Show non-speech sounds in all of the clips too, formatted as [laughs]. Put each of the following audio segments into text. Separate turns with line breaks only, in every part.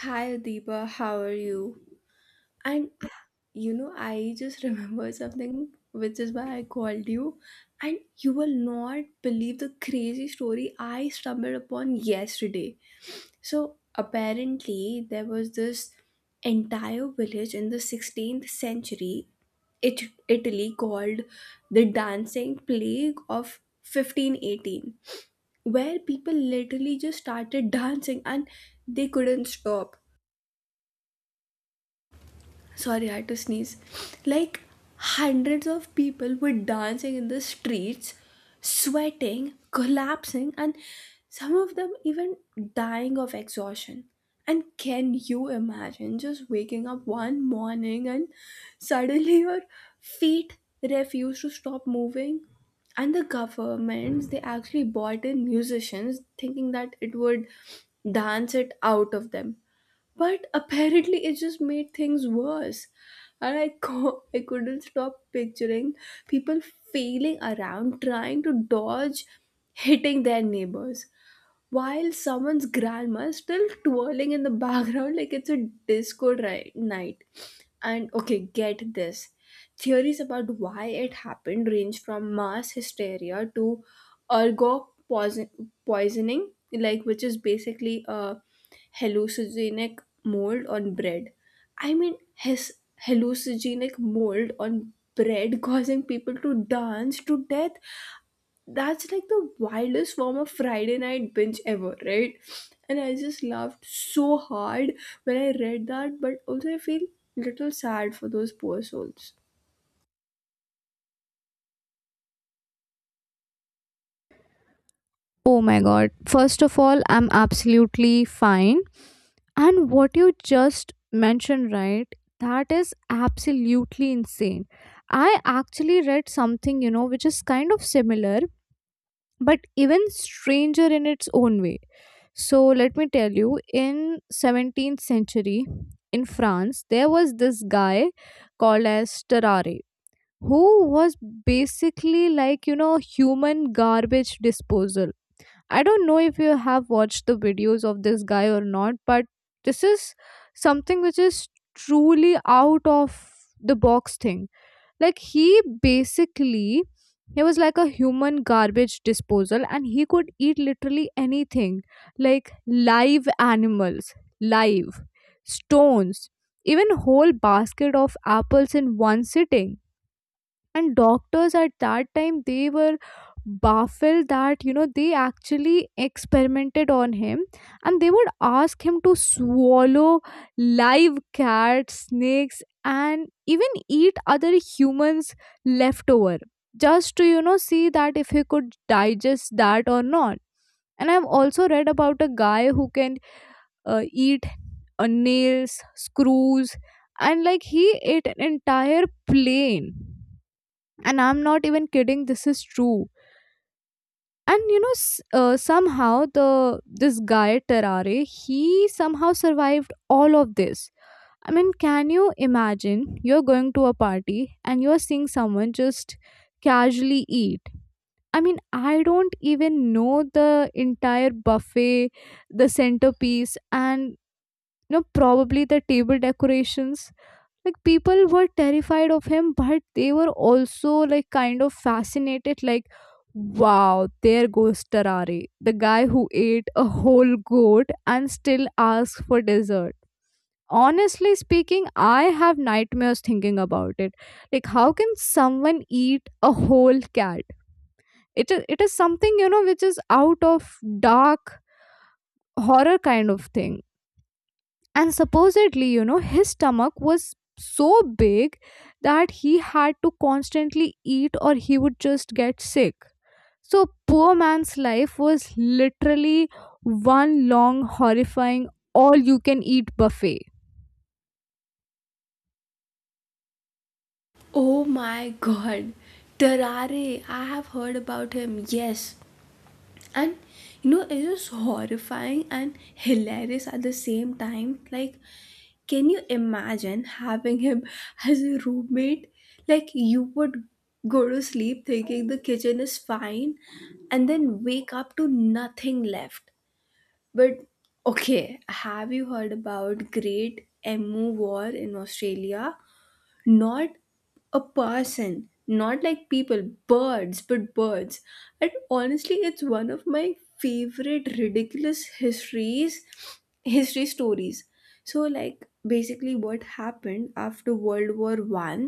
Hi Adiba, how are you? And you know, I just [laughs] remember something, which is why I called you. And you will not believe the crazy story I stumbled upon yesterday. So, apparently, there was this entire village in the 16th century, it, Italy, called the Dancing Plague of 1518, where people literally just started [laughs] dancing and they couldn't stop, sorry, I had to sneeze. Like hundreds of people were dancing in the streets, sweating, collapsing, and some of them even dying of exhaustion. And can you imagine just waking up one morning and suddenly your feet refuse to stop moving? And the governments, they actually bought in musicians thinking that it would dance it out of them, but apparently it just made things worse. And I couldn't stop picturing people failing around trying to dodge hitting their neighbors while someone's grandma is still twirling in the background like it's a disco night. And okay, get this. Theories about why it happened range from mass hysteria to poisoning, like, which is basically a hallucinogenic mold on bread. I mean, his hallucinogenic mold on bread [laughs] causing people to dance to death, that's like the wildest form of Friday night binge ever, right? And I just laughed so hard when I read that, but also I feel little sad for those poor souls.
Oh my god. First of all, I'm absolutely fine. And what you just mentioned, right? That is absolutely insane. I actually read something, which is kind of similar, but even stranger in its own way. So let me tell you, in 17th century in France, there was this guy called as Terrare who was basically like, human garbage disposal. I don't know if you have watched the videos of this guy or not, but this is something which is truly out of the box thing. Like he was like a human garbage disposal, and he could eat literally anything, like live animals, live stones, even whole basket of apples in one sitting. And doctors at that time they were baffled that they actually experimented on him, and they would ask him to swallow live cats, snakes, and even eat other humans leftover just to see that if he could digest that or not. And I've also read about a guy who can eat nails, screws, and like he ate an entire plane, and I'm not even kidding, this is true. And somehow the this guy Terrare he somehow survived all of this. I mean, can you imagine you're going to a party and you're seeing someone just casually eat, I mean, I don't even know, the entire buffet, the centerpiece, and probably the table decorations. Like people were terrified of him, but they were also like kind of fascinated, like, wow, there goes Tarare, the guy who ate a whole goat and still asks for dessert. Honestly speaking, I have nightmares thinking about it. Like, how can someone eat a whole cat? It is something which is out of dark horror kind of thing. And supposedly his stomach was so big that he had to constantly eat or he would just get sick. So poor man's life was literally one long horrifying all you can eat buffet.
Oh my god. Terare, I have heard about him. Yes. And you know, it is horrifying and hilarious at the same time. Like can you imagine having him [laughs] as a roommate? Like you would go to sleep thinking the kitchen is fine and then wake up to nothing left. But okay, have you heard about Great Emu War in Australia? Not a person, not like people, birds, but birds. And honestly, it's one of my favorite ridiculous histories history stories. So, like, basically what happened after World War 1,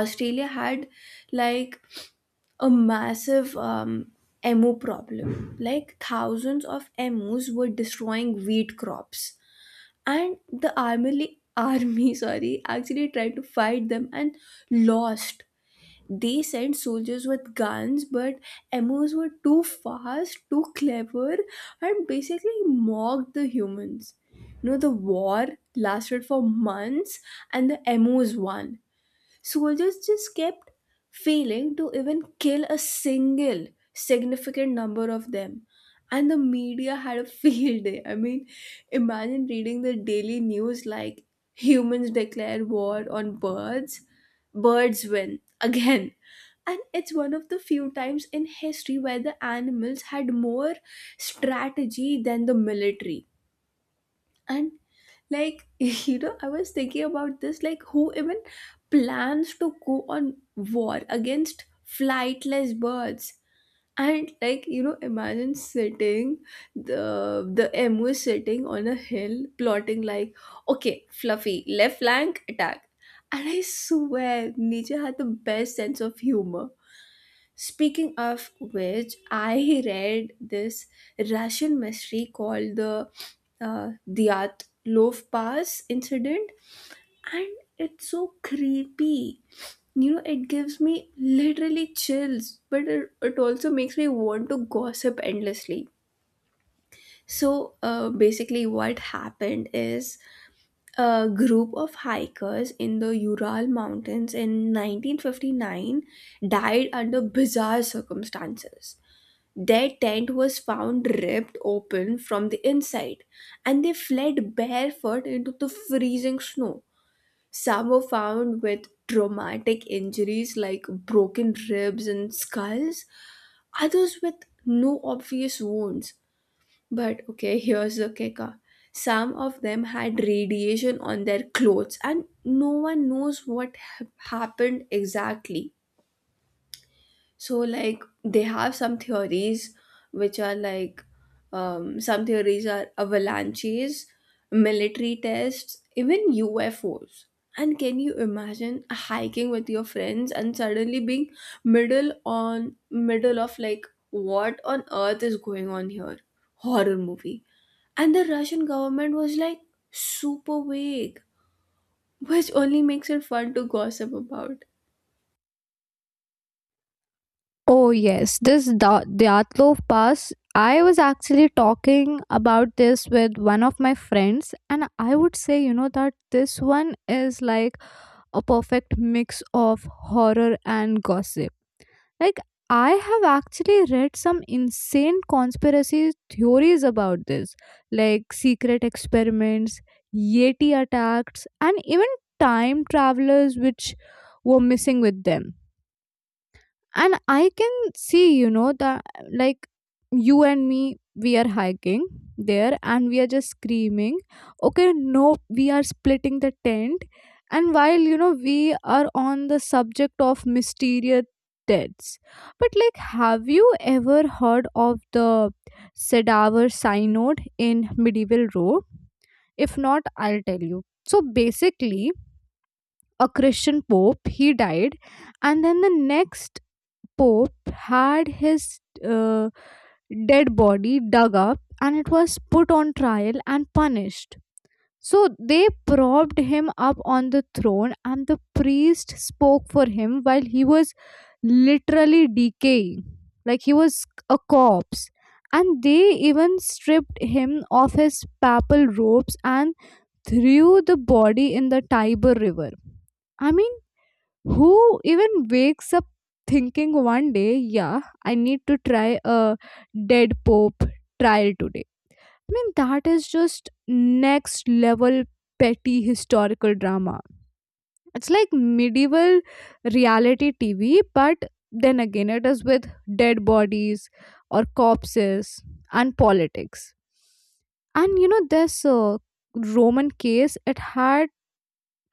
Australia had like a massive emu problem, like thousands of emus were destroying wheat crops. And the army [laughs] sorry, actually tried to fight them and lost. They sent soldiers with guns, but MOs were too fast, too clever, and basically mocked the humans. You know, the war lasted for months, and the MOs won. Soldiers just kept failing to even kill a single significant number of them. And the media had a [laughs] field day. I mean, imagine reading the daily news like, humans declare war on birds, birds win again. And it's one of the few times in history where the animals had more strategy than the military. And like [laughs] you know, I was thinking about this, like who even plans to go on war against flightless birds? And like, you know, imagine sitting, the emu sitting on a hill plotting like, okay, fluffy, left flank attack. And I swear Nietzsche had the best sense of humor. Speaking of which, I read this Russian mystery called the Diyat Loaf Pass incident, and it's so creepy. You know, it gives me literally chills, but it also makes me want to gossip endlessly. So, basically, what happened is a group of hikers in the Ural Mountains in 1959 died under bizarre circumstances. Their tent was found ripped open from the inside, and they fled barefoot into the freezing snow. Some were found with traumatic injuries like broken ribs and skulls, others with no obvious wounds. But okay, [laughs] here's the kicker, some of them had radiation on their clothes, and no one knows what happened exactly. So, like, they have some theories which are like, some theories are avalanches, military tests, even UFOs. And can you imagine hiking with your friends and suddenly being middle of like, what on earth is going on here? Horror movie. And the Russian government was like super vague, which only makes it fun to gossip about.
Oh yes, this Dyatlov pass. I was actually talking about this with one of my friends, and I would say that this one is like a perfect mix of horror and gossip. Like, I have actually read some insane conspiracy theories about this, like secret experiments, Yeti attacks, and even time travelers which were missing with them. And I can see that, like, you and me, we are hiking there and we are just screaming, okay, no, we are splitting the tent. And while we are on the subject of mysterious deaths, but like, have you ever heard of the cadaver synod in medieval Rome? If not, I'll tell you. So basically, a Christian pope he died, and then the next Pope had his uh, dead body dug up, and it was put on trial and punished. So they propped him up on the throne, and the priest spoke for him while he was literally decaying, like he was a corpse. And they even stripped him of his papal robes and threw the body in the Tiber River. I mean, who even wakes up thinking one day, yeah, I need to try a dead pope trial today? I mean, that is just next level petty historical drama. It's like medieval reality TV, but then again, it is with dead bodies or corpses and politics. And this Roman case, it had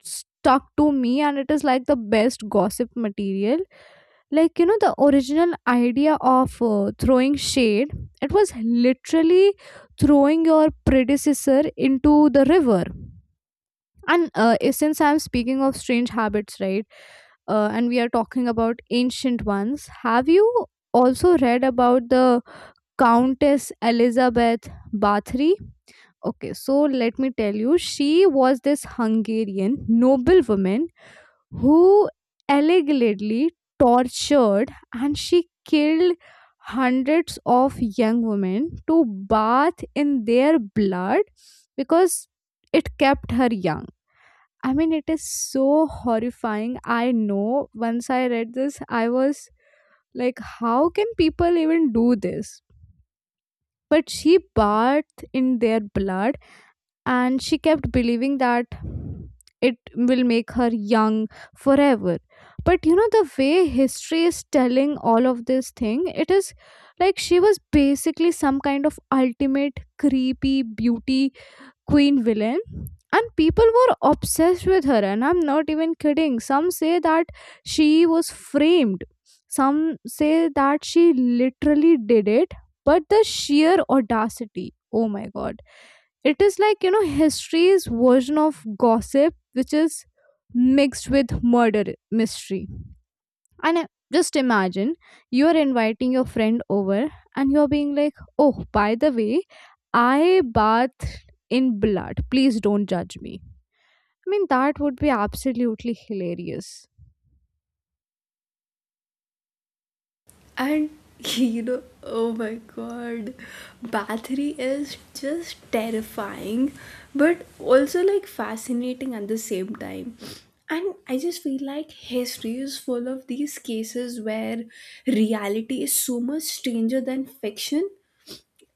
stuck to me, and it is like the best gossip material. Like the original idea of throwing shade, it was literally throwing your predecessor into the river. And since I'm speaking of strange habits, right, and we are talking about ancient ones, have you also read about the Countess Elizabeth Bathory? Okay, so let me tell you, she was this Hungarian noble woman who allegedly tortured and she killed hundreds of young women to bath in their blood because it kept her young. I mean, it is so horrifying. I know, once I read this, I was like, how can people even do this? But she bathed in their blood and she kept believing that it will make her young forever. But the way history is telling all of this thing, it is like she was basically some kind of ultimate creepy beauty queen villain, and people were obsessed with her. And I'm not even kidding, some say that she was framed, some say that she literally did it. But the sheer audacity, oh my god, it is like, history's version of gossip, which is mixed with murder mystery. And just imagine you're inviting your friend over and you're being like, oh, by the way, I bathed in blood. Please don't judge me. I mean, that would be absolutely hilarious.
And [laughs] you know, oh my god, Bathory is just terrifying, but also like fascinating at the same time. And I just feel like history is full of these cases where reality is so much stranger than fiction.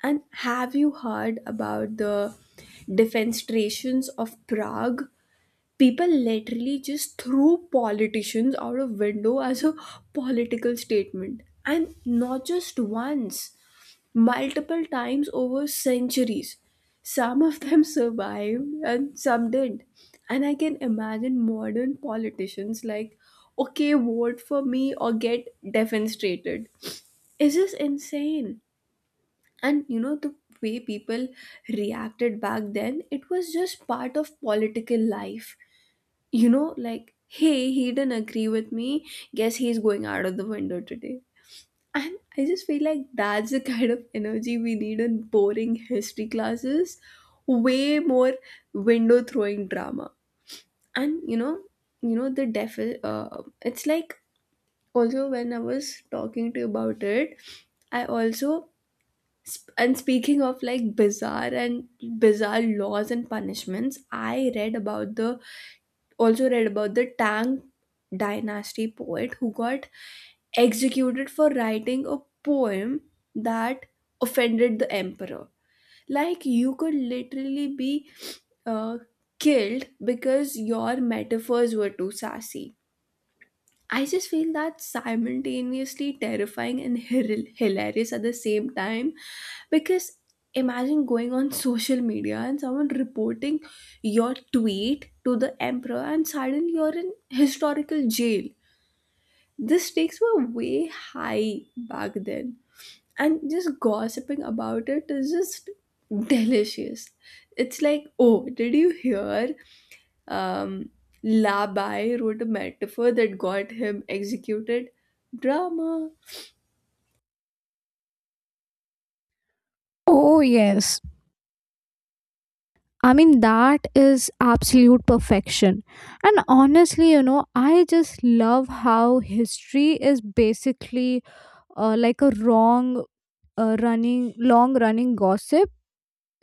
And have you heard about the defenestrations of Prague? People literally just threw politicians out of window as a political statement, and not just once, multiple times over centuries. Some of them [laughs] survived and some didn't. And I can imagine modern politicians like, okay, vote for me or get defenestrated. Is this insane? And you know, the way people reacted back then, it was just part of political life. You know, like, hey, he didn't agree with me. Guess he's going out of the window today. And I just feel like that's the kind of energy we need in boring history classes. Way more window throwing drama. And you know the it's like also when I was talking to you about it, I also sp- and speaking of like bizarre laws and punishments, I read about the Tang dynasty poet who got executed for writing a poem that offended the emperor. Like, you could literally be uh, killed because your metaphors were too sassy. I just feel that's simultaneously terrifying and hilarious at the same time, because imagine going on social media and someone reporting your tweet to the emperor and suddenly you're in historical jail. The stakes were way high back then, and just gossiping about it is just delicious. It's like, oh, did you hear um, Labai wrote a metaphor that got him executed. Drama.
Oh, yes. I mean, that is absolute perfection. And honestly, I just love how history is basically like a wrong running long running gossip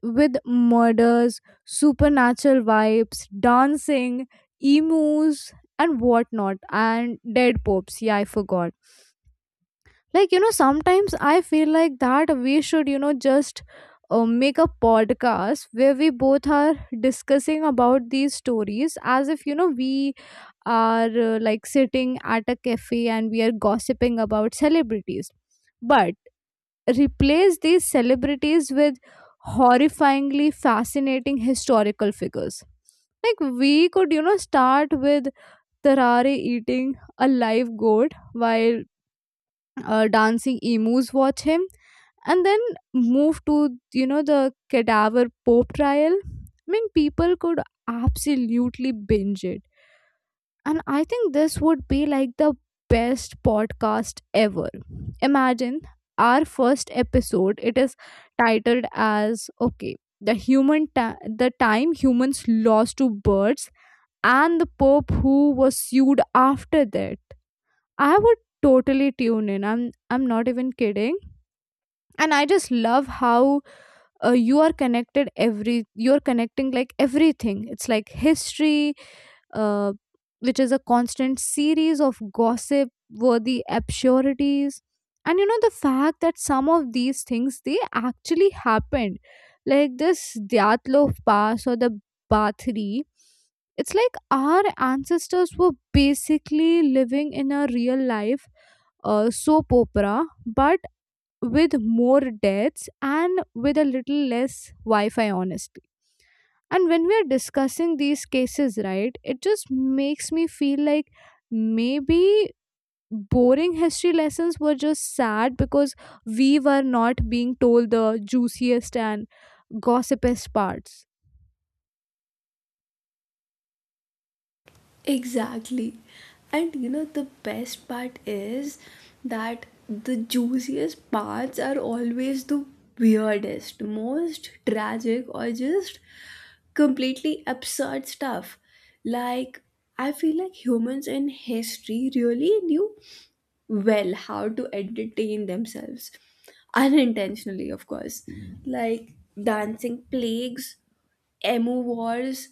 with murders, supernatural vibes, dancing emus, and whatnot, and dead popes, yeah, I forgot. Like sometimes I feel like that we should just make a podcast where we both are discussing about these stories as if we are like sitting at a cafe and we are gossiping about celebrities, but replace these celebrities with horrifyingly fascinating historical figures. Like, we could, start with Tarare eating a live goat while dancing emus watch him, and then move to, the cadaver pope trial. I mean, people could absolutely binge it, and I think this would be like the best podcast ever. Imagine our first episode, it is titled as, okay, the human ta- the time humans lost to birds and the pope who was sued after that. I would totally tune in. I'm not even kidding. And I just love how you're connecting, like, everything. It's like history, uh, which is a constant series of gossip worthy absurdities. And the fact that some of these things they actually happened, like this Dyatlov pass or the Bathory, it's like our ancestors were basically living in a real life soap opera, but with more deaths and with a little less wi-fi, honestly. And when we are discussing these cases, right, it just makes me feel like, maybe boring history lessons were just sad because we were not being told the juiciest and gossipest parts.
Exactly. And you know, the best part is that the juiciest parts are always the weirdest, most tragic, or just completely absurd stuff. Like, I feel like humans in history really knew well how to entertain themselves, unintentionally, of course. Like dancing plagues, emu wars,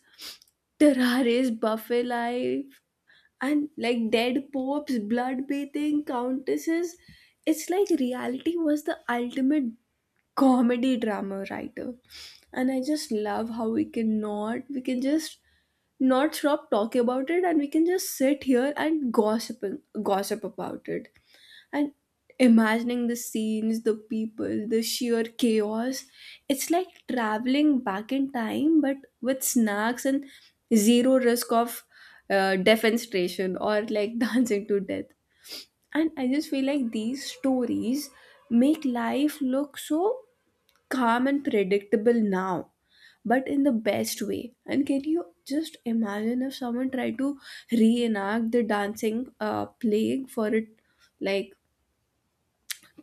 terraries buffet life, and like dead popes, blood bathing countesses. It's like reality was the ultimate comedy drama writer. And I just love how we can just not stop talking about it, and we can just sit here and gossip about it and imagining the scenes, the people, the sheer chaos. It's like traveling back in time but with snacks and zero risk of defenestration or like [laughs] dancing to death. And I just feel like these stories make life look so calm and predictable now, but in the best way. And can you just imagine if someone tried to reenact the dancing plague for it, like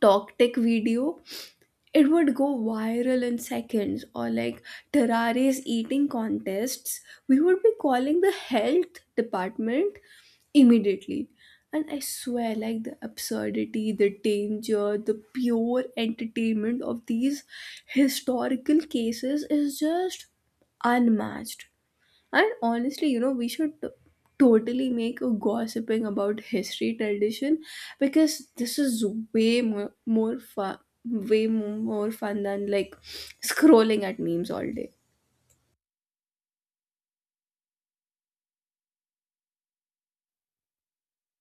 talk tech video, it would go viral in seconds. Or like terraria's eating contests, we would be calling the health department immediately. And I swear, like, the absurdity, the danger, the pure entertainment of these historical cases is just unmatched. And honestly, you know, we should totally make a gossiping about history tradition because this is way more fun, way more fun than like scrolling at memes all day.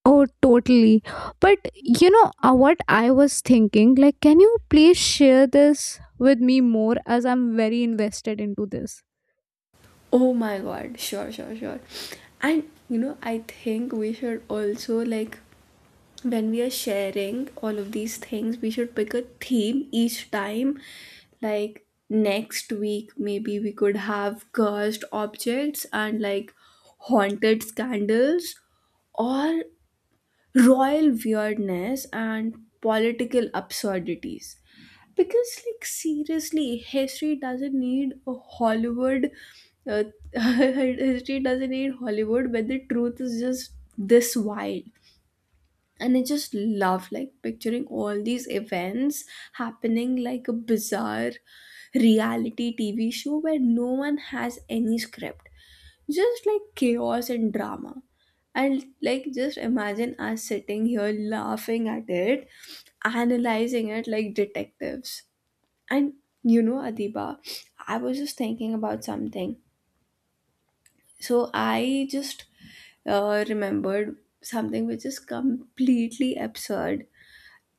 Oh, totally. But what I was thinking? Like, can you please share this with me more as I'm very invested into this?
Oh my god, sure, sure, sure. And you know, I think we should also like, when we are sharing all of these things, we should pick a theme each time. Like next week, maybe we could have cursed objects and like haunted scandals, or royal weirdness and political absurdities. Because, like, seriously, history doesn't need a Hollywood. Uh, [laughs] history doesn't need Hollywood, but the truth is just this wild. And I just love like picturing all these events happening like a bizarre reality TV show where no one has any script, just like chaos and drama. And like, just imagine us sitting here laughing at it, analyzing it like detectives. And you know, Adiba, I was just thinking about something. So I just remembered something which is completely absurd.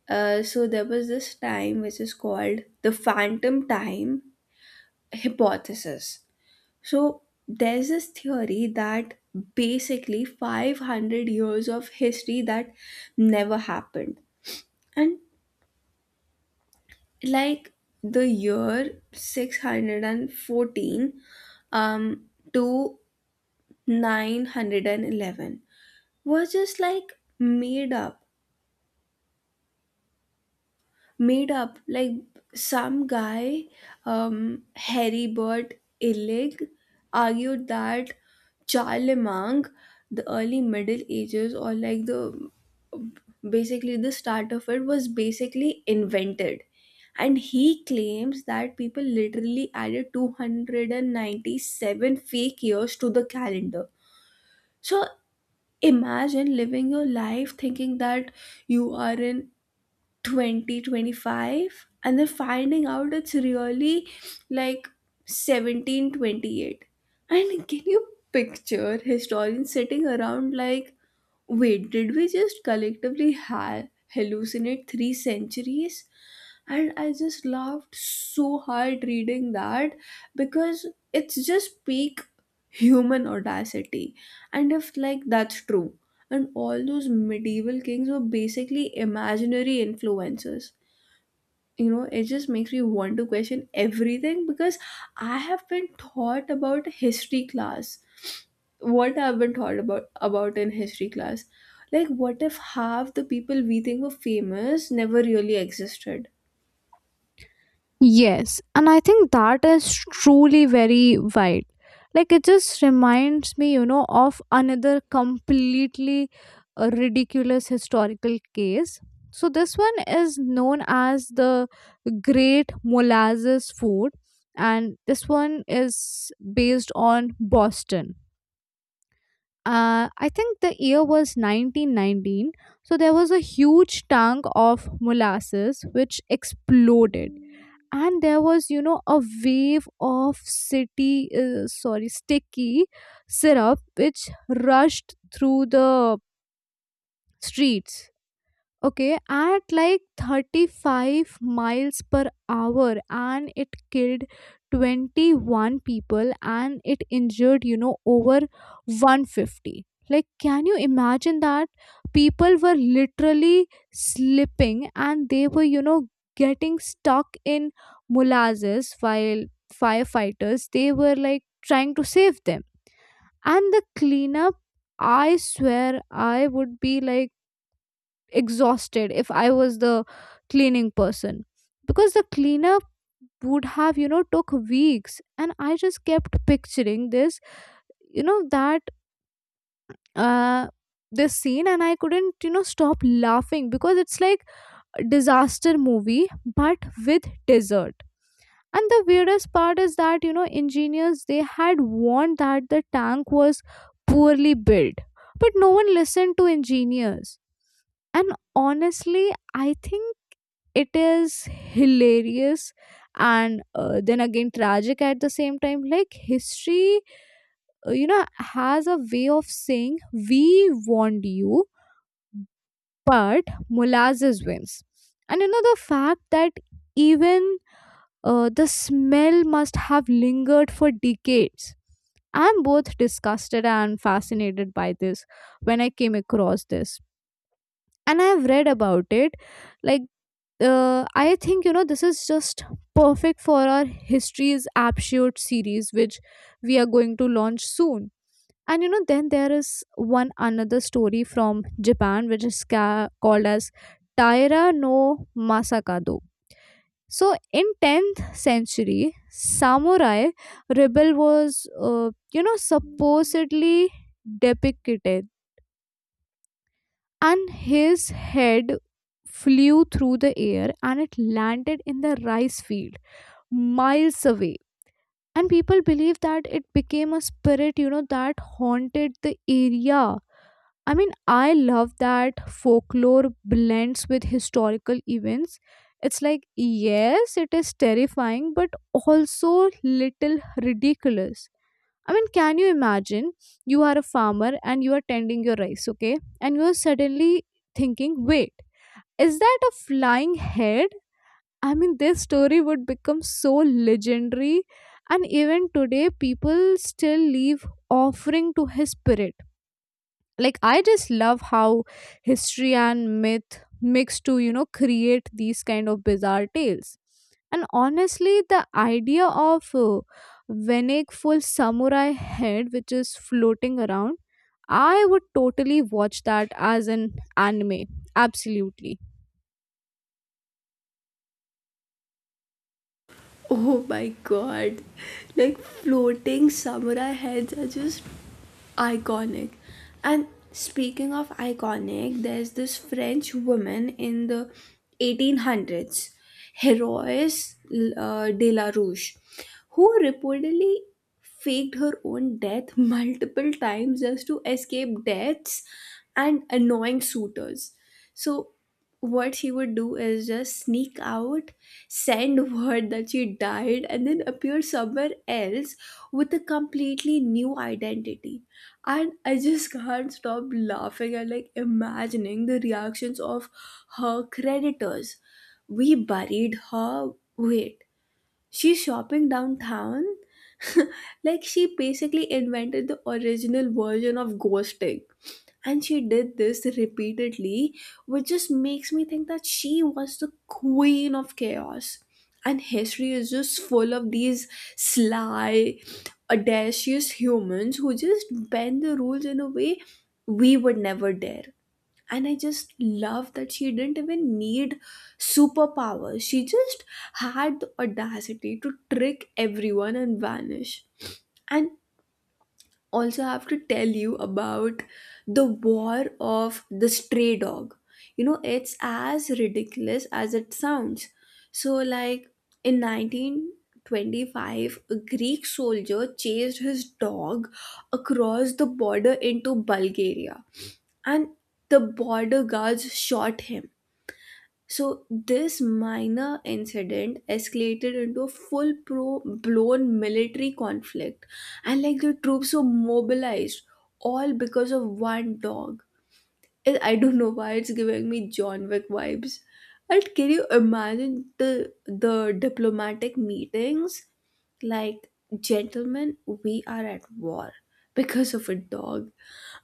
So there was this time which is called the phantom time hypothesis. So there's this theory that basically 500 years of history that never happened. And like the year 614 um, to 911 was just like made up, like some guy Heribert Illig argued that Charlemagne, the early middle ages, or like the basically the start of it was basically invented. And he claims that people literally added 297 fake years to the calendar. So imagine living your life thinking that you are in 2025, and then finding out it's really like 1728. And can you picture historians sitting around like, wait, did we just collectively hallucinate 3 centuries? And I just laughed so hard reading that because it's just peak human audacity. And if, like, that's true, and all those medieval kings were basically imaginary influencers. You know, it just makes me want to question everything because I have been taught about history class what I've been taught about in history class. Like, what if half the people we think were famous never really existed?
Yes, and I think that is truly very wide. Like, it just reminds me, of another completely ridiculous historical case. So this one is known as the Great Molasses Food, and this one is based on Boston, I think the year was 1919. So there was a huge tank of molasses which exploded. And there was, a wave of city, sorry, sticky syrup which rushed through the streets. Okay, at like 35 miles per hour, and it killed 21 people and it injured, over 150. Like, can you imagine that? People were literally slipping and they were, getting stuck in molasses, while firefighters they were like trying to save them. And the cleanup, I swear, I would be like exhausted if I was the cleaning person, because the cleanup would have took weeks. And I just kept picturing this, that uh this scene, and I couldn't, stop laughing because it's like a disaster movie, but with dessert. And the weirdest part is that engineers they had warned that the tank was poorly built, but no one listened to engineers. And honestly, I think it is hilarious, and then again tragic at the same time. Like, history, uh, you know has a way of saying we warned you, but molasses wins. And the fact that even the smell must have lingered for decades, I'm both disgusted and fascinated by this when I came across this and I've read about it. Like, I think this is just perfect for our history's absurd series, which we are going to launch soon. And then there is one another story from Japan, which is called as Taira no Masakado. So, in 10th century, samurai rebel was supposedly depicted, and his head flew through the air and it landed in the rice field miles away. And people believe that it became a spirit that haunted the area. I mean, I love that folklore blends with historical events. It's like, yes, it is terrifying but also little ridiculous. I mean, can you imagine you are a farmer and you are tending your rice, okay? And you are suddenly thinking, wait, is that a flying head? I mean, this story would become so legendary, and even today, people still leave offering to his spirit. Like, I just love how history and myth mix to, create these kind of bizarre tales. And honestly, the idea of Venek full samurai head, which is floating around, I would totally watch that as an anime. Absolutely.
Oh my god. Like floating samurai heads are just iconic. And speaking of iconic, there's this French woman in the 1800s, Heroes de la Rouche, who reportedly faked her own death [laughs] multiple times just to escape deaths and annoying suitors. So, what she would do is just sneak out, send [laughs] word that she died and then appear somewhere else with a completely new identity. And I just can't stop laughing and like imagining the reactions of her creditors. We buried her, wait, she's shopping downtown. [laughs] Like she basically invented the original version of ghosting. And she did this repeatedly, which just makes me think that she was the queen of chaos. And history is just full of these sly, audacious humans who just bend the rules in a way we would never dare. And I just love that she didn't even need superpowers. She just had the audacity to trick everyone and vanish. And also have to tell you about the war of the stray dog. You know, it's as ridiculous as it sounds. So, like, in 1925, a Greek soldier chased his dog across the border into Bulgaria, and the border guards shot him. So this minor incident escalated into a full pro blown military conflict, and like the troops were mobilized all because of one dog. I don't know why it's giving me John Wick vibes. And can you imagine the diplomatic meetings? Like, gentlemen, we are at war because of a dog.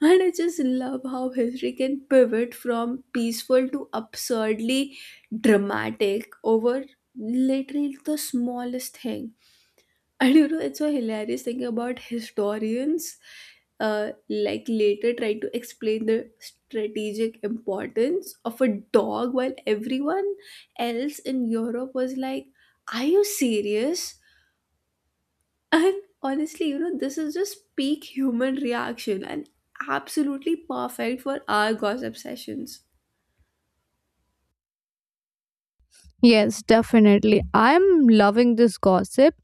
And I just love how history can pivot from peaceful to absurdly dramatic over literally the smallest thing. And you know, it's so hilarious thinking about historians like later trying to explain the strategic importance of a dog while everyone else in Europe was like, are you serious? And honestly, you know, this is just peak human reaction and absolutely perfect for our gossip sessions.
Yes, definitely. I'm loving this gossip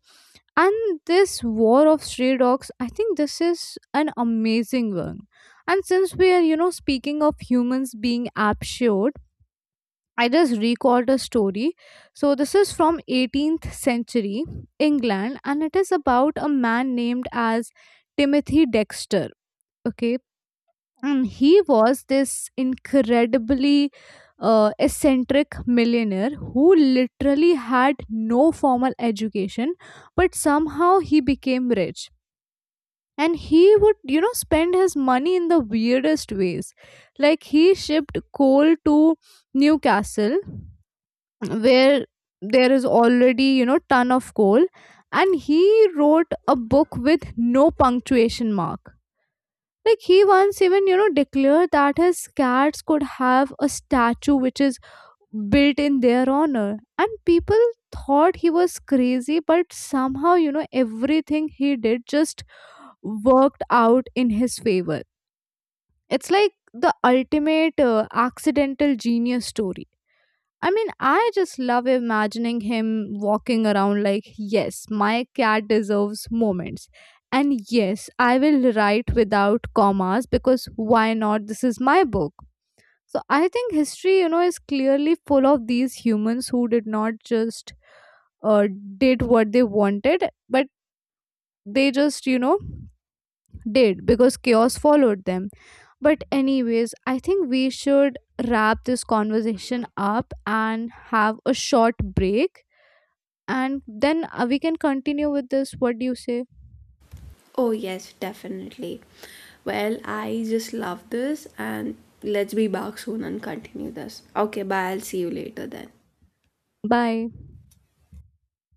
and this war of stray dogs. I think this is an amazing one. And since we are, speaking of humans being absurd, I just recalled a story. So this is from 18th century England, and it is about a man named as Timothy Dexter. Okay, and he was this incredibly eccentric millionaire who literally had no formal education but somehow he became rich. And he would spend his money in the weirdest ways, like he shipped coal to Newcastle where there is already ton of coal. And he wrote a book with no punctuation mark. Like he once even, declared that his cats could have a statue which is built in their honor. And people thought he was crazy, but somehow, everything he did just worked out in his favor. It's like the ultimate accidental genius story. I mean, I just love imagining him walking around like, yes, my cat deserves moments. And yes, I will write without commas because why not? This is my book. So I think history, is clearly full of these humans who did not just uh, did what they wanted, but they just, did because chaos followed them. But, anyways, I think we should wrap this conversation up and have a short break, and then we can continue with this, what do you say?
Oh, yes, definitely. Well, I just love this, and let's be back soon and continue this. Okay, bye. I'll see you later then.
Bye.